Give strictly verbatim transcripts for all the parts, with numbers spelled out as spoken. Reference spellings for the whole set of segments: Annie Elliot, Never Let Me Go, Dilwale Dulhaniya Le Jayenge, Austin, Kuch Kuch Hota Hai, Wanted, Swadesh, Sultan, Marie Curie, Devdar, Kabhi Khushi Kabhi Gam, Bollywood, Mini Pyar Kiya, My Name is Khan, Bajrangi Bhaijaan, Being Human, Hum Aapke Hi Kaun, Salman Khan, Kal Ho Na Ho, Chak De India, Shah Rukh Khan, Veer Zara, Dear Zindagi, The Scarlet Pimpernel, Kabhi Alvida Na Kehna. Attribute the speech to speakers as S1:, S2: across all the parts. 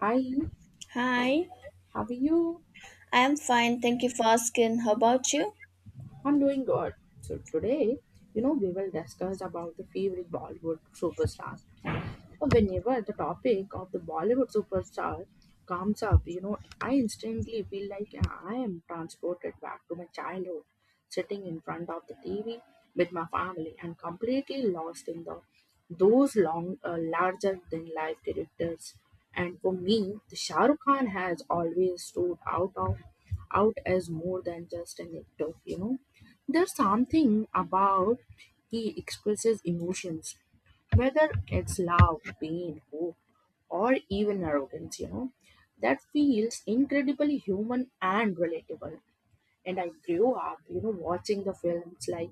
S1: Hi,
S2: Hi,
S1: how are you?
S2: I'm fine. Thank you for asking. How about you?
S1: I'm doing good. So today, you know, we will discuss about the favorite Bollywood superstar. Whenever the topic of the Bollywood superstar comes up, you know, I instantly feel like yeah, I am transported back to my childhood, sitting in front of the T V with my family and completely lost in the those long, uh, larger than life characters. And for me, the Shah Rukh Khan has always stood out of out as more than just an actor. You know, there's something about he expresses emotions, whether it's love, pain, hope, or even arrogance, you know, that feels incredibly human and relatable. And I grew up, you know, watching the films like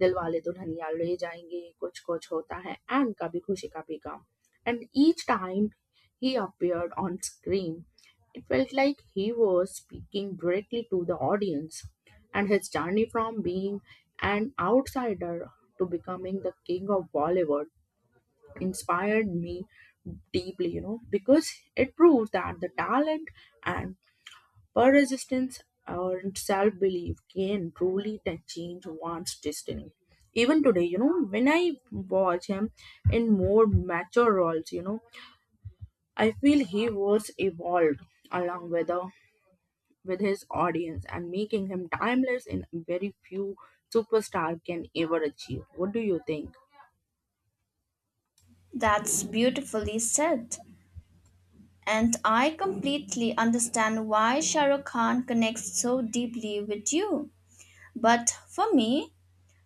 S1: Dilwale Dulhaniya Le Jayenge, Kuch Kuch Hota Hai, and Kabhi Khushi Kabhi Gam. And each time he appeared on screen, it felt like he was speaking directly to the audience. And his journey from being an outsider to becoming the king of Bollywood inspired me deeply, you know, because it proves that the talent and persistence or self belief can truly ta- change one's destiny. Even today, you know, when I watch him in more mature roles, you know, I feel he was evolved along with the with his audience and making him timeless in very few superstar can ever achieve. What do you think?
S2: That's beautifully said. And I completely understand why Shahrukh Khan connects so deeply with you. But for me,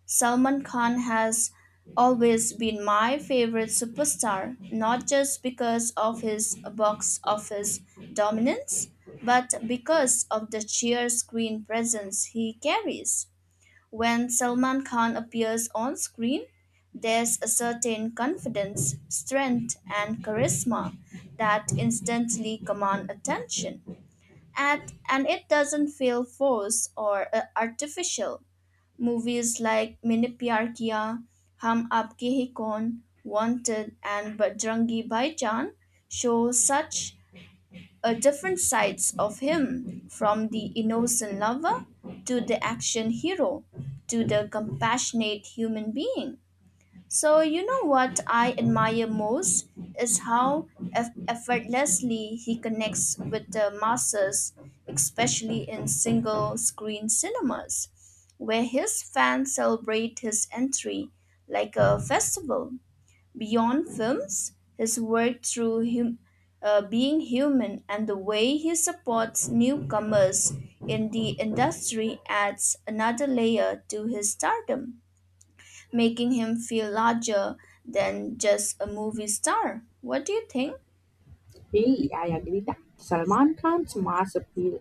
S2: Salman Khan has always been my favorite superstar, not just because of his box office dominance, but because of the sheer screen presence he carries. When Salman Khan appears on screen, there's a certain confidence, strength, and charisma that instantly command attention. And, and it doesn't feel forced or uh, artificial. Movies like Mini Pyar Kiya, Hum Aapke Hi Kaun, Wanted, and Bajrangi Bhaijaan show such a different sides of him, from the innocent lover to the action hero to the compassionate human being. So you know what I admire most is how eff- effortlessly he connects with the masses, especially in single screen cinemas where his fans celebrate his entry like a festival. Beyond films, his work through hum- uh, being human and the way he supports newcomers in the industry adds another layer to his stardom, making him feel larger than just a movie star. What do you think?
S1: Hey, I agree that Salman Khan's mass appeal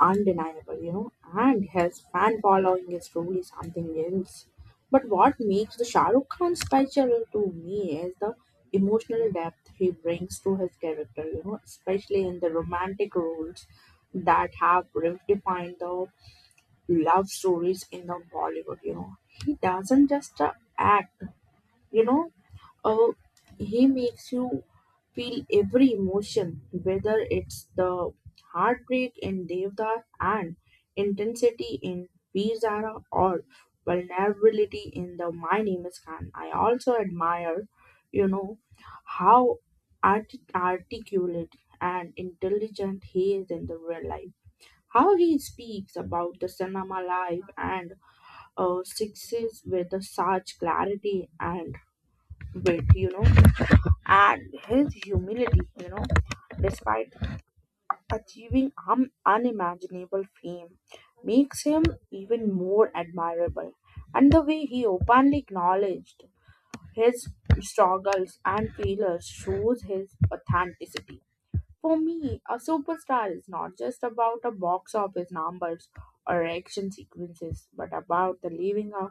S1: undeniable, you know, and his fan following is truly something else. But what makes the Shah Rukh Khan special to me is the emotional depth he brings to his character, you know, especially in the romantic roles that have redefined the love stories in the Bollywood, you know. He doesn't just uh, act, you know, uh, he makes you feel every emotion, whether it's the heartbreak in Devdar and intensity in Veer Zara or vulnerability in the My Name is Khan. I also admire, you know, how art- articulate and intelligent he is in the real life. How he speaks about the cinema life and uh, success with the such clarity and wit, you know and his humility, you know, despite achieving un- unimaginable fame, makes him even more admirable. And the way he openly acknowledged his struggles and failures shows his authenticity. For me, a superstar is not just about a box office numbers or action sequences, but about the leaving a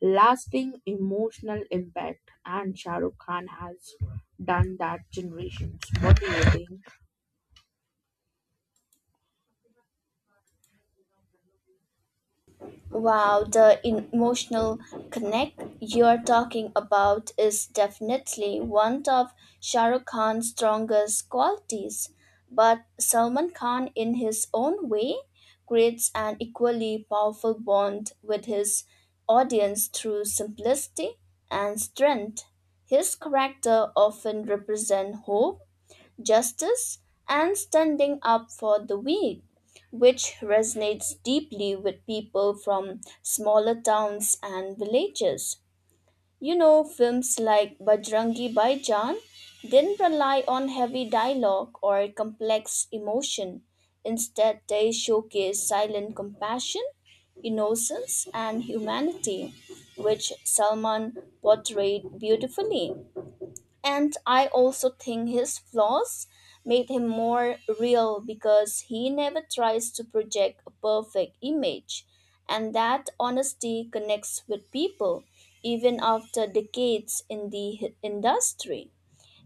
S1: lasting emotional impact. And Shah Rukh Khan has done that generations. What do you think?
S2: Wow, the emotional connect you're talking about is definitely one of Shah Rukh Khan's strongest qualities. But Salman Khan, in his own way, creates an equally powerful bond with his audience through simplicity and strength. His character often represents hope, justice, and standing up for the weak, which resonates deeply with people from smaller towns and villages. You know, films like Bajrangi Bhaijaan didn't rely on heavy dialogue or complex emotion. Instead, they showcase silent compassion, innocence, and humanity, which Salman portrayed beautifully. And I also think his flaws made him more real because he never tries to project a perfect image. And that honesty connects with people, even after decades in the hi- industry.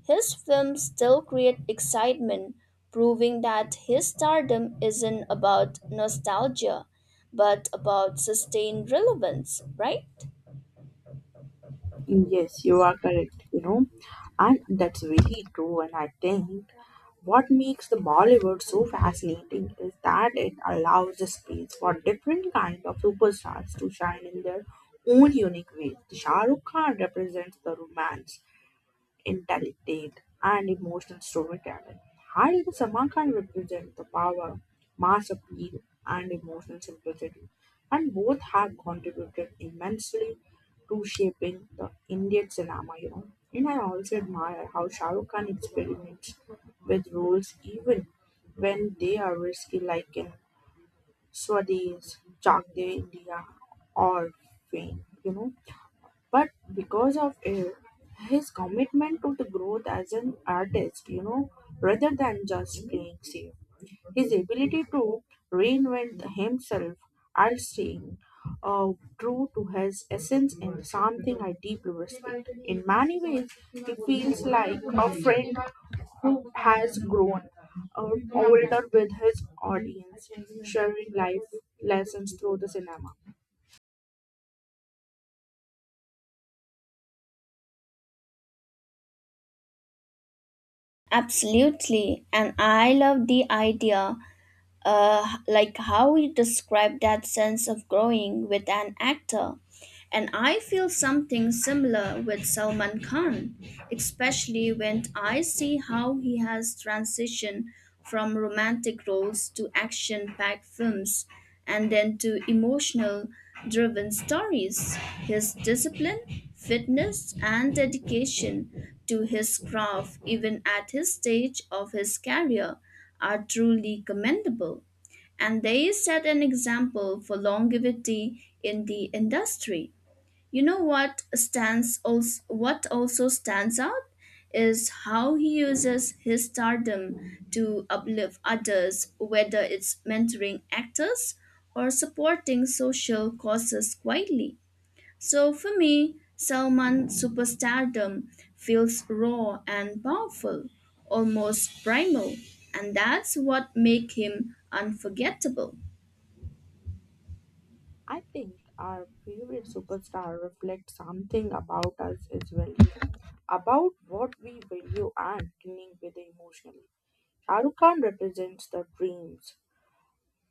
S2: His films still create excitement, proving that his stardom isn't about nostalgia, but about sustained relevance, right?
S1: Yes, you are correct, you know, and that's very true. And I think what makes the Bollywood so fascinating is that it allows the space for different kind of superstars to shine in their own unique ways. Shah Rukh Khan represents the romance intelligent, and emotional storytelling. High the Samarkand represent the power, mass appeal, and emotional simplicity, and both have contributed immensely to shaping the Indian cinema. You know, and I also admire how Shah Rukh Khan experiments with roles even when they are risky, like in Swadis, Chak De India, or Fame. You know but because of it, his commitment to the growth as an artist, you know, rather than just playing safe, his ability to reinvent himself are staying uh, true to his essence and something I deeply respect. In many ways, he feels like a friend who has grown uh, older with his audience, sharing life lessons through the cinema.
S2: Absolutely, and I love the idea, uh, like how you describe that sense of growing with an actor. And I feel something similar with Salman Khan, especially when I see how he has transitioned from romantic roles to action packed films and then to emotional driven stories. His discipline, fitness, and dedication to his craft, even at his stage of his career, are truly commendable, and they set an example for longevity in the industry. You know what stands also, what also stands out is how he uses his stardom to uplift others, whether it's mentoring actors or supporting social causes quietly. So for me, Salman's superstardom feels raw and powerful, almost primal, and that's what makes him unforgettable.
S1: I think our favorite superstar reflects something about us as well, about what we value and cling with emotionally. Shah Rukh Khan represents the dreams,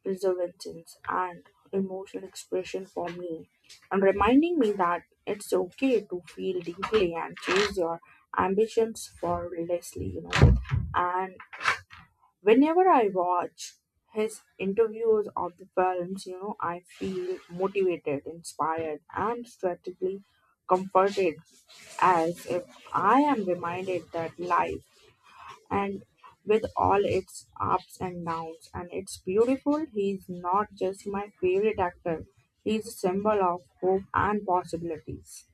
S1: perseverance, and emotional expression for me, and reminding me that it's okay to feel deeply and chase your ambitions fearlessly, you know. And whenever I watch his interviews of the films, you know, I feel motivated, inspired, and strategically comforted as if I am reminded that life and with all its ups and downs and it's beautiful. He's not just my favorite actor, he's a symbol of hope and possibilities.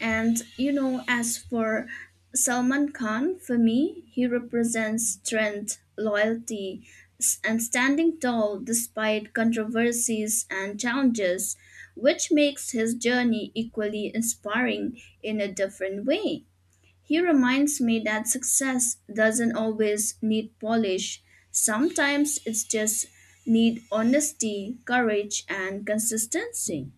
S2: And you know, as for Salman Khan, for me, he represents strength, loyalty, s- and standing tall despite controversies and challenges, which makes his journey equally inspiring in a different way. He reminds me that success doesn't always need polish. Sometimes it's just need honesty, courage, and consistency.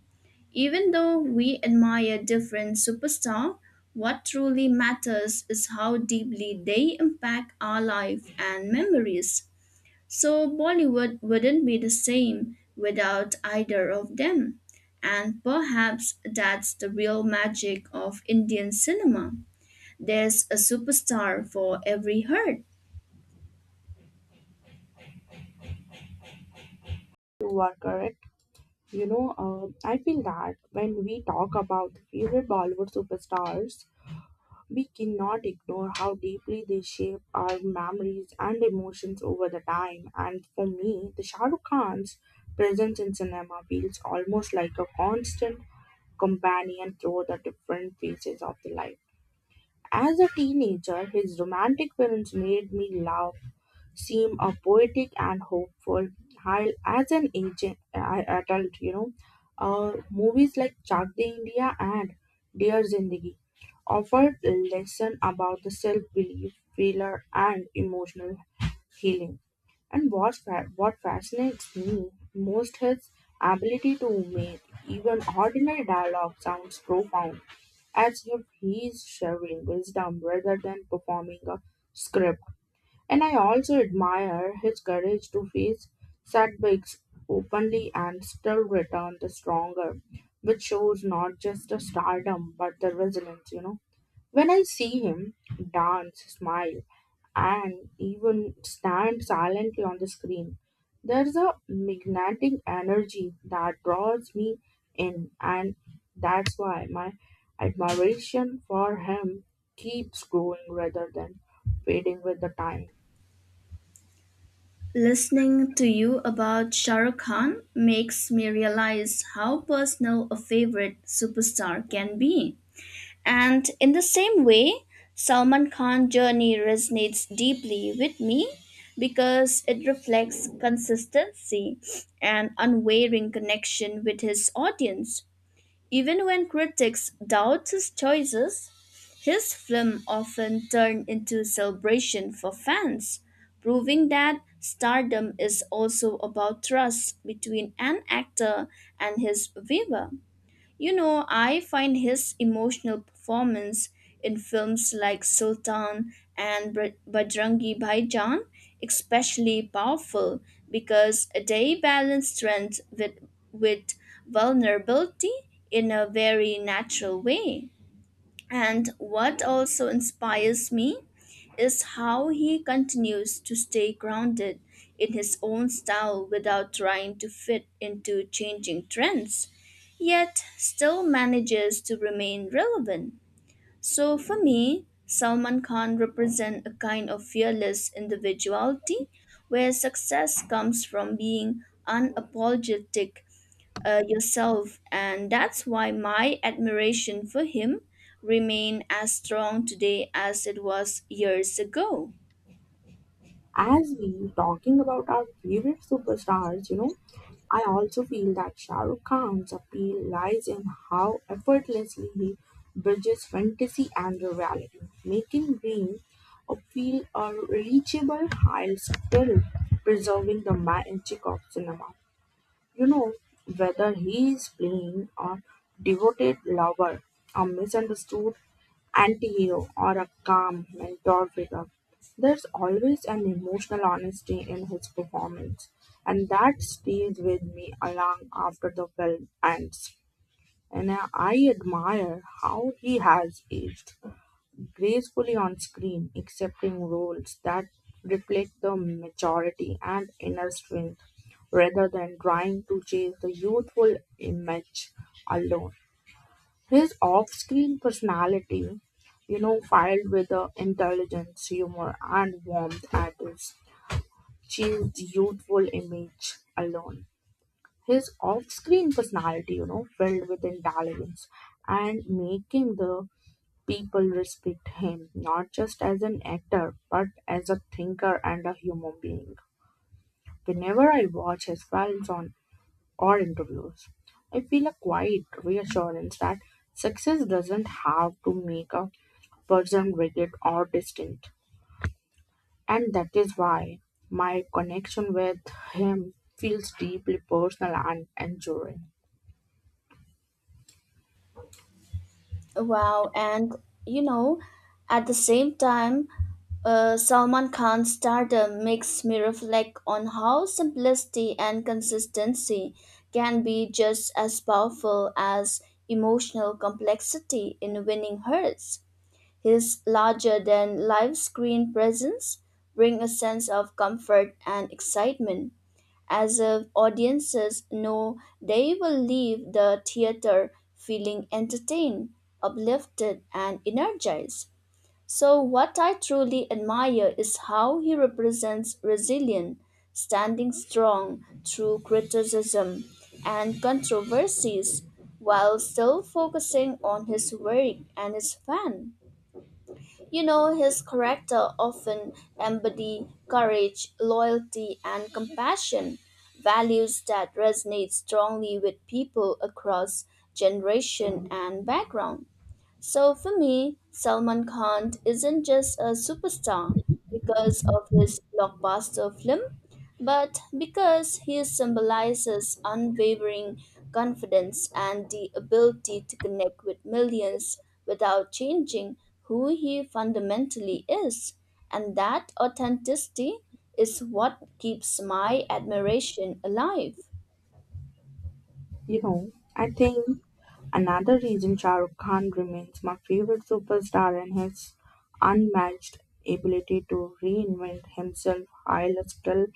S2: Even though we admire different superstars, what truly matters is how deeply they impact our life and memories. So Bollywood wouldn't be the same without either of them. And perhaps that's the real magic of Indian cinema. There's a superstar for every herd.
S1: You are correct, you know uh, I feel that when we talk about favorite Bollywood superstars, we cannot ignore how deeply they shape our memories and emotions over the time. And for me, the Shah Rukh Khan's presence in cinema feels almost like a constant companion through the different phases of the life. As a teenager, his romantic films made me laugh seem a poetic and hopeful, while as an agent, uh, adult, you know uh, movies like Chak De India and Dear Zindagi offered lesson about the self-belief, failure, and emotional healing. And what, fa- what fascinates me most is ability to make even ordinary dialogue sounds profound, as if he is sharing wisdom rather than performing a script. And I also admire his courage to face setbacks openly and still return the stronger, which shows not just the stardom but the resilience, you know. When I see him dance, smile, and even stand silently on the screen, there's a magnetic energy that draws me in, and that's why my admiration for him keeps growing rather than fading with the time.
S2: Listening to you about Shah Rukh Khan makes me realize how personal a favorite superstar can be. And in the same way, Salman Khan's journey resonates deeply with me because it reflects consistency and unwavering connection with his audience. Even when critics doubt his choices, his film often turn into celebration for fans, proving that stardom is also about trust between an actor and his viewer. You know, I find his emotional performance in films like Sultan and Br- Bajrangi Bhaijaan especially powerful because they balance strength with, with vulnerability in a very natural way. And what also inspires me is how he continues to stay grounded in his own style without trying to fit into changing trends, yet still manages to remain relevant. So for me, Salman Khan represents a kind of fearless individuality where success comes from being unapologetic, uh, yourself, and that's why my admiration for him remain as strong today as it was years ago.
S1: As we talking about our favorite superstars, you know, I also feel that Shah Rukh Khan's appeal lies in how effortlessly he bridges fantasy and reality, making Green a feel a reachable while still preserving the magic of cinema. You know, whether he is playing a devoted lover, a misunderstood anti-hero, or a calm mentor figure, there's always an emotional honesty in his performance, and that stays with me along after the film ends. And I I admire how he has aged gracefully on screen, accepting roles that reflect the maturity and inner strength rather than trying to chase the youthful image alone. His off screen personality, you know, filled with the intelligence, humor, and warmth at his chased youthful image alone. His off screen personality, you know, filled with intelligence and making the people respect him not just as an actor but as a thinker and a human being. Whenever I watch his films on or interviews, I feel a quiet reassurance that success doesn't have to make a person rigid or distant. And that is why my connection with him feels deeply personal and enduring.
S2: Wow, and you know, at the same time, uh, Salman Khan's stardom makes me reflect on how simplicity and consistency can be just as powerful as emotional complexity in winning hearts. His larger than life screen presence bring a sense of comfort and excitement, as if audiences know they will leave the theater feeling entertained, uplifted, and energized. So, what I truly admire is how he represents resilience, standing strong through criticism and controversies while still focusing on his work and his fan. You know, his character often embody courage, loyalty, and compassion, values that resonate strongly with people across generation and background. So for me, Salman Khan isn't just a superstar because of his blockbuster film, but because he symbolizes unwavering confidence and the ability to connect with millions without changing who he fundamentally is. And that authenticity is what keeps my admiration alive.
S1: You know, I think another reason Shah Rukh Khan remains my favorite superstar and his unmatched ability to reinvent himself while still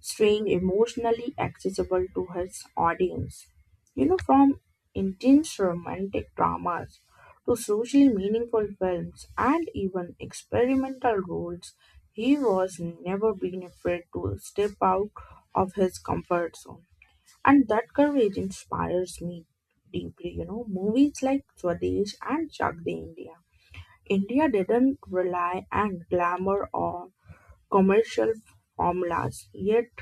S1: staying emotionally accessible to his audience. You know, from intense romantic dramas to socially meaningful films and even experimental roles, he was never been afraid to step out of his comfort zone, and that courage inspires me deeply. You know, movies like Swadesh and Chak De India India didn't rely on glamour or commercial formulas, yet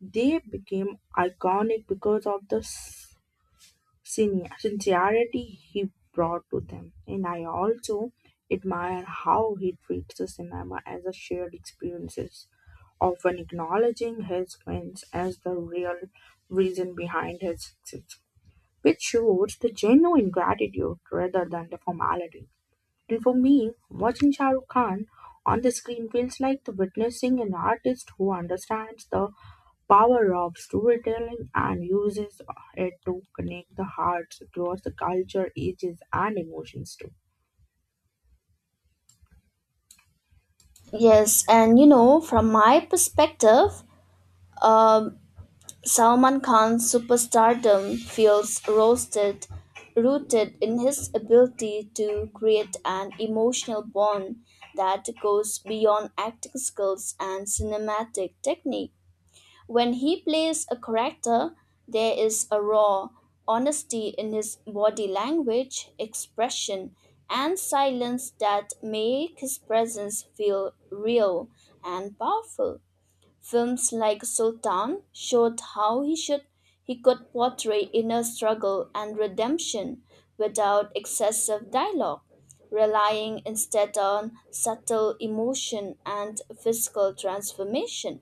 S1: they became iconic because of the s- sin- sincerity he brought to them. And I also admire how he treats the cinema as a shared experiences, often acknowledging his wins as the real reason behind his success, which shows the genuine gratitude rather than the formality. And for me, watching Shah Rukh Khan on the screen feels like the witnessing an artist who understands the power of storytelling and uses it to connect the hearts across the culture, ages, and emotions too.
S2: Yes, and you know, from my perspective, um, Salman Khan's superstardom feels roasted, rooted in his ability to create an emotional bond that goes beyond acting skills and cinematic technique. When he plays a character, there is a raw honesty in his body language, expression, and silence that make his presence feel real and powerful. Films like Sultan showed how he should he could portray inner struggle and redemption without excessive dialogue, relying instead on subtle emotion and physical transformation.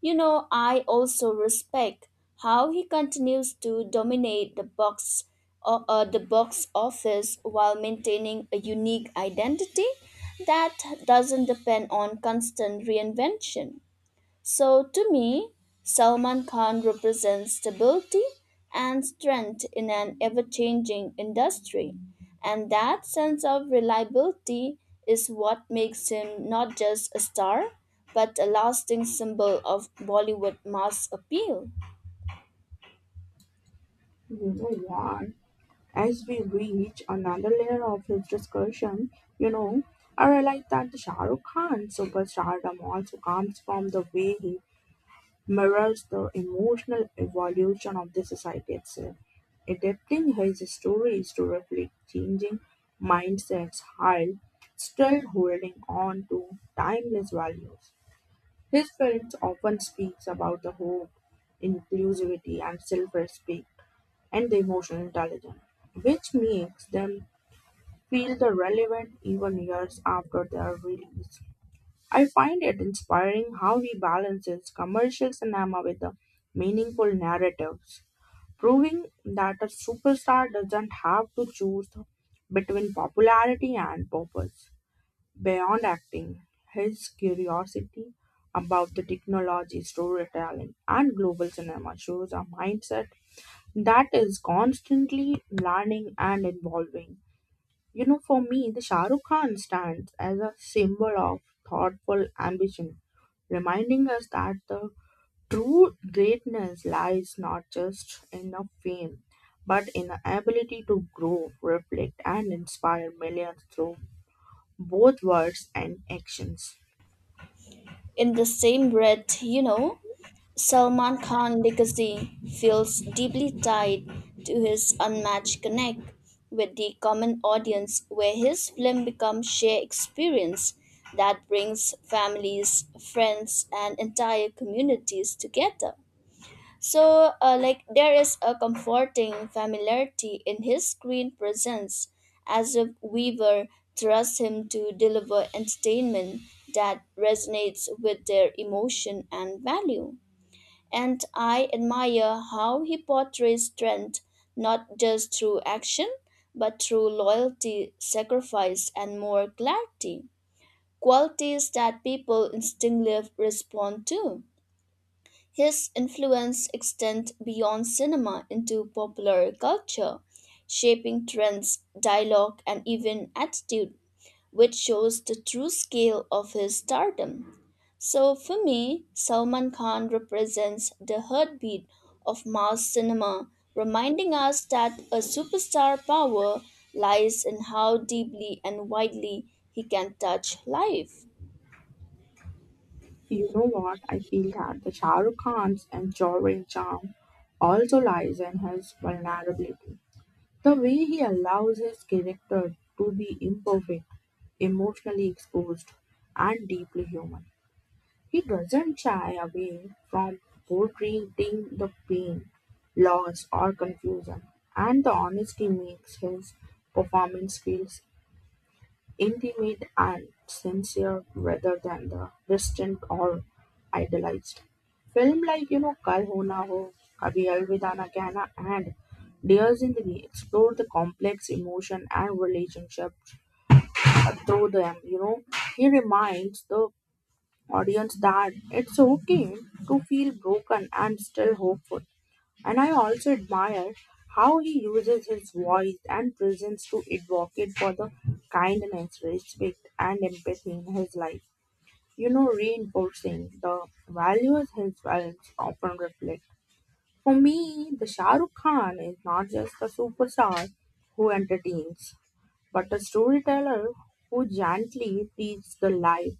S2: You know, I also respect how he continues to dominate the box o- uh, the box office while maintaining a unique identity that doesn't depend on constant reinvention. So, to me, Salman Khan represents stability and strength in an ever changing industry. And that sense of reliability is what makes him not just a star, but a lasting symbol of Bollywood mass appeal.
S1: You know what? As we reach another layer of this discussion, you know, I realize that the Shah Rukh Khan superstardom also comes from the way he mirrors the emotional evolution of the society itself, adapting his stories to reflect changing mindsets while still holding on to timeless values. His films often speaks about the hope, inclusivity and self-respect and the emotional intelligence, which makes them feel the relevant even years after their release. I find it inspiring how he balances commercial cinema with the meaningful narratives, proving that a superstar doesn't have to choose between popularity and purpose. Beyond acting, his curiosity about the technology, storytelling, and global cinema shows a mindset that is constantly learning and evolving. You know, for me, the Shah Rukh Khan stands as a symbol of thoughtful ambition, reminding us that the true greatness lies not just in the fame, but in the ability to grow, reflect, and inspire millions through both words and actions.
S2: In the same breath, you know, Salman Khan legacy feels deeply tied to his unmatched connect with the common audience, where his film becomes shared experience that brings families, friends, and entire communities together. So uh, like, there is a comforting familiarity in his screen presence, as if Weaver trusts him to deliver entertainment that resonates with their emotion and value. And I admire how he portrays strength not just through action but through loyalty, sacrifice, and more clarity, qualities that people instinctively respond to. His influence extends beyond cinema into popular culture, shaping trends, dialogue, and even attitude, which shows the true scale of his stardom. So for me, Salman Khan represents the heartbeat of mass cinema, reminding us that a superstar power lies in how deeply and widely he can touch life.
S1: You know what? I feel that the Shah Rukh Khan's enduring charm also lies in his vulnerability. The way he allows his character to be imperfect, emotionally exposed, and deeply human. He doesn't shy away from portraying the pain, loss, or confusion, and the honesty makes his performance feel intimate and sincere rather than the distant or idealized. Film like, you know, Kal Ho Na Ho, Kabhi Alvida Na Kehna and Dears in the Way explore the complex emotion and relationship through them. You know, he reminds the audience that it's okay to feel broken and still hopeful. And I also admire how he uses his voice and presence to advocate for the kindness, respect, and empathy in his life, You know, reinforcing the values his films often reflect. For me, the Shah Rukh Khan is not just a superstar who entertains, but a storyteller who gently teaches the life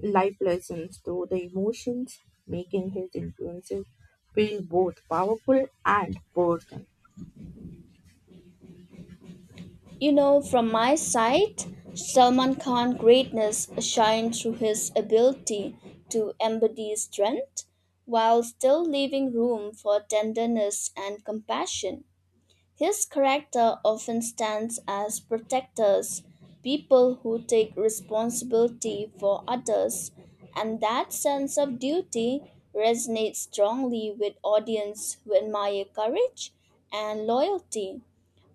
S1: life lessons through the emotions, making his influences feel both powerful and personal.
S2: You know, from my side, Salman Khan's greatness shines through his ability to embody strength while still leaving room for tenderness and compassion. His character often stands as protectors, people who take responsibility for others, and that sense of duty resonates strongly with audience who admire courage and loyalty.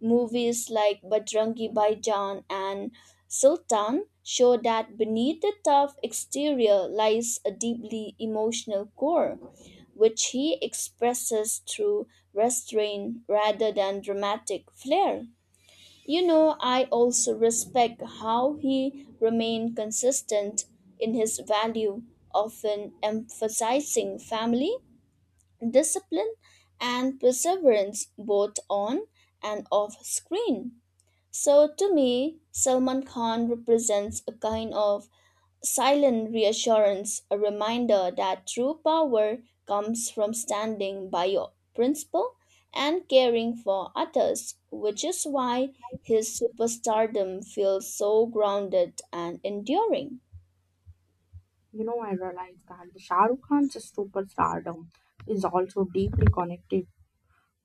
S2: Movies like Bajrangi Bhaijaan and Sultan show that beneath the tough exterior lies a deeply emotional core, which he expresses through restraint rather than dramatic flair. You know, I also respect how he remained consistent in his value, often emphasizing family, discipline, and perseverance both on and off screen. So, to me, Salman Khan represents a kind of silent reassurance, a reminder that true power comes from standing by your principle and caring for others, which is why his superstardom feels so grounded and enduring.
S1: You know, I realized that the Shah Rukh Khan's superstardom is also deeply connected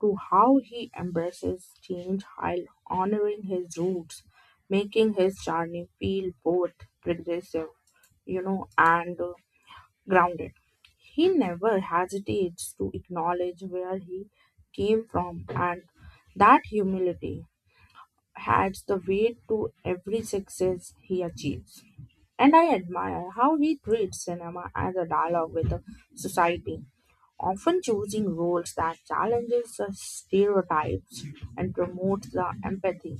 S1: to how he embraces change while honoring his roots, making his journey feel both progressive, you know, and uh, grounded. He never hesitates to acknowledge where he came from and that humility adds the weight to every success he achieves. And I admire how he treats cinema as a dialogue with the society, often choosing roles that challenges the stereotypes and promotes the empathy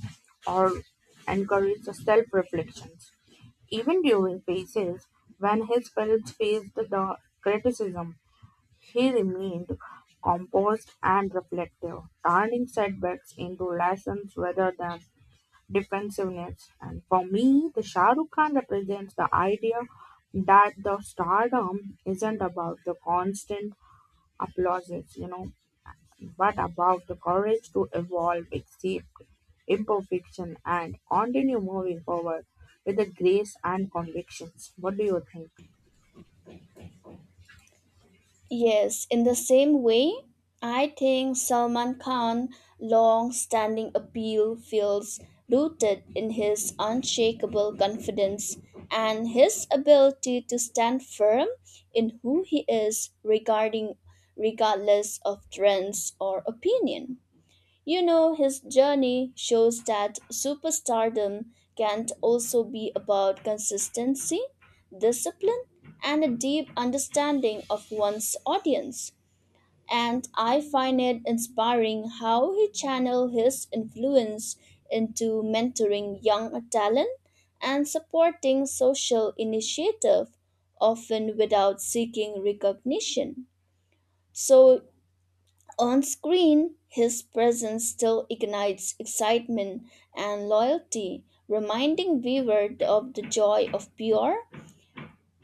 S1: or encourages the self-reflections. Even during phases when his films faced the criticism, he remained composed and reflective, turning setbacks into lessons rather than defensiveness. And for me, the Shah Rukh Khan represents the idea that the stardom isn't about the constant applauses, you know, but about the courage to evolve, accept imperfection, and continue moving forward with the grace and convictions. What do you think?
S2: Yes, in the same way, I think Salman Khan's long standing appeal feels rooted in his unshakable confidence and his ability to stand firm in who he is, regarding regardless of trends or opinion. You know, his journey shows that superstardom can also be about consistency, discipline, and a deep understanding of one's audience. And I find it inspiring how he channeled his influence into mentoring young talent and supporting social initiative, often without seeking recognition. So on screen, his presence still ignites excitement and loyalty, reminding viewer of the joy of pure,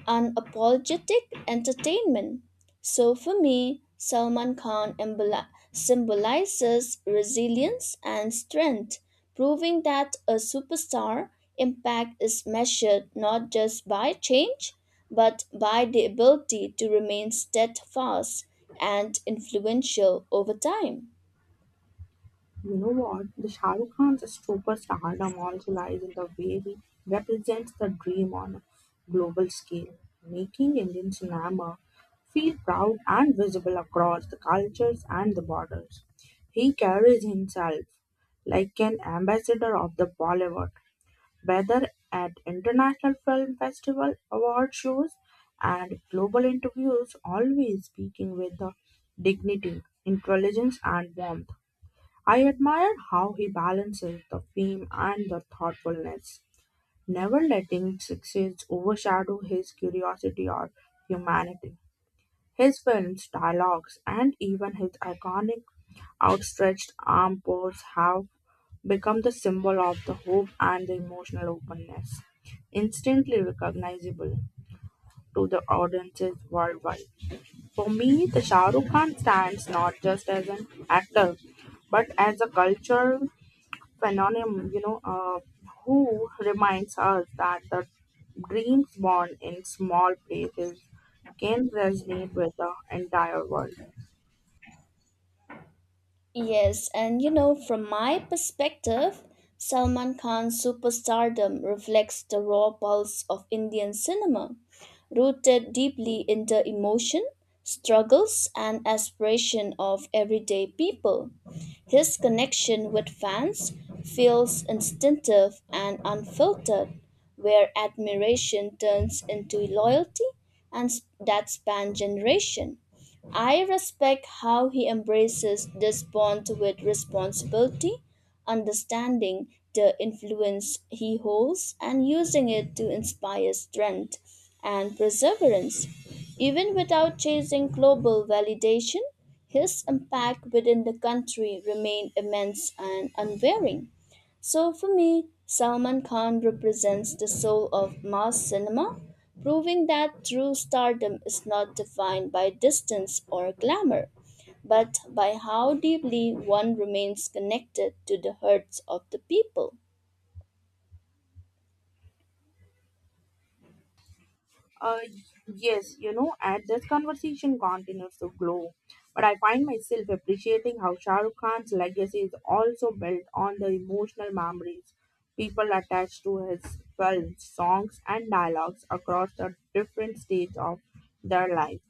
S2: unapologetic entertainment. So for me, Salman Khan emboli- symbolizes resilience and strength, proving that a superstar impact is measured not just by change, but by the ability to remain steadfast and influential over time.
S1: You know what? The Shah Rukh Khan's superstardom also lies in the way he represents the dream on a global scale, making Indian cinema feel proud and visible across the cultures and the borders. He carries himself like an ambassador of the Bollywood, whether at international film festival award shows and global interviews, always speaking with the dignity, intelligence, and warmth. I admire how he balances the fame and the thoughtfulness, never letting success overshadow his curiosity or humanity. His films, dialogues, and even his iconic outstretched arm pose have become the symbol of the hope and the emotional openness, instantly recognizable to the audiences worldwide. For me, the Shah Rukh Khan stands not just as an actor, but as a culture phenomenon, you know, uh, who reminds us that the dreams born in small places can resonate with the entire world.
S2: Yes, and you know, from my perspective, Salman Khan's superstardom reflects the raw pulse of Indian cinema, rooted deeply in the emotion, struggles, and aspiration of everyday people. His connection with fans feels instinctive and unfiltered, where admiration turns into loyalty and s- that span generation. I respect how he embraces this bond with responsibility, understanding the influence he holds and using it to inspire strength and perseverance. Even without chasing global validation, his impact within the country remained immense and unwavering. So for me, Salman Khan represents the soul of mass cinema, proving that true stardom is not defined by distance or glamour, but by how deeply one remains connected to the hearts of the people.
S1: Uh, yes, you know, as this conversation continues to grow, but I find myself appreciating how Shah Rukh Khan's legacy is also built on the emotional memories people attach to his films, songs, and dialogues across the different stages of their life.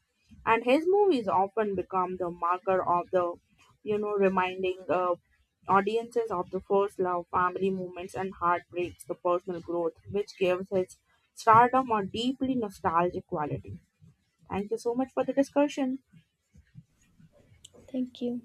S1: And his movies often become the marker of the, you know reminding uh, audiences of the first love, family moments and heartbreaks, the personal growth, which gives his stardom a deeply nostalgic quality. Thank you so much for the discussion.
S2: Thank you.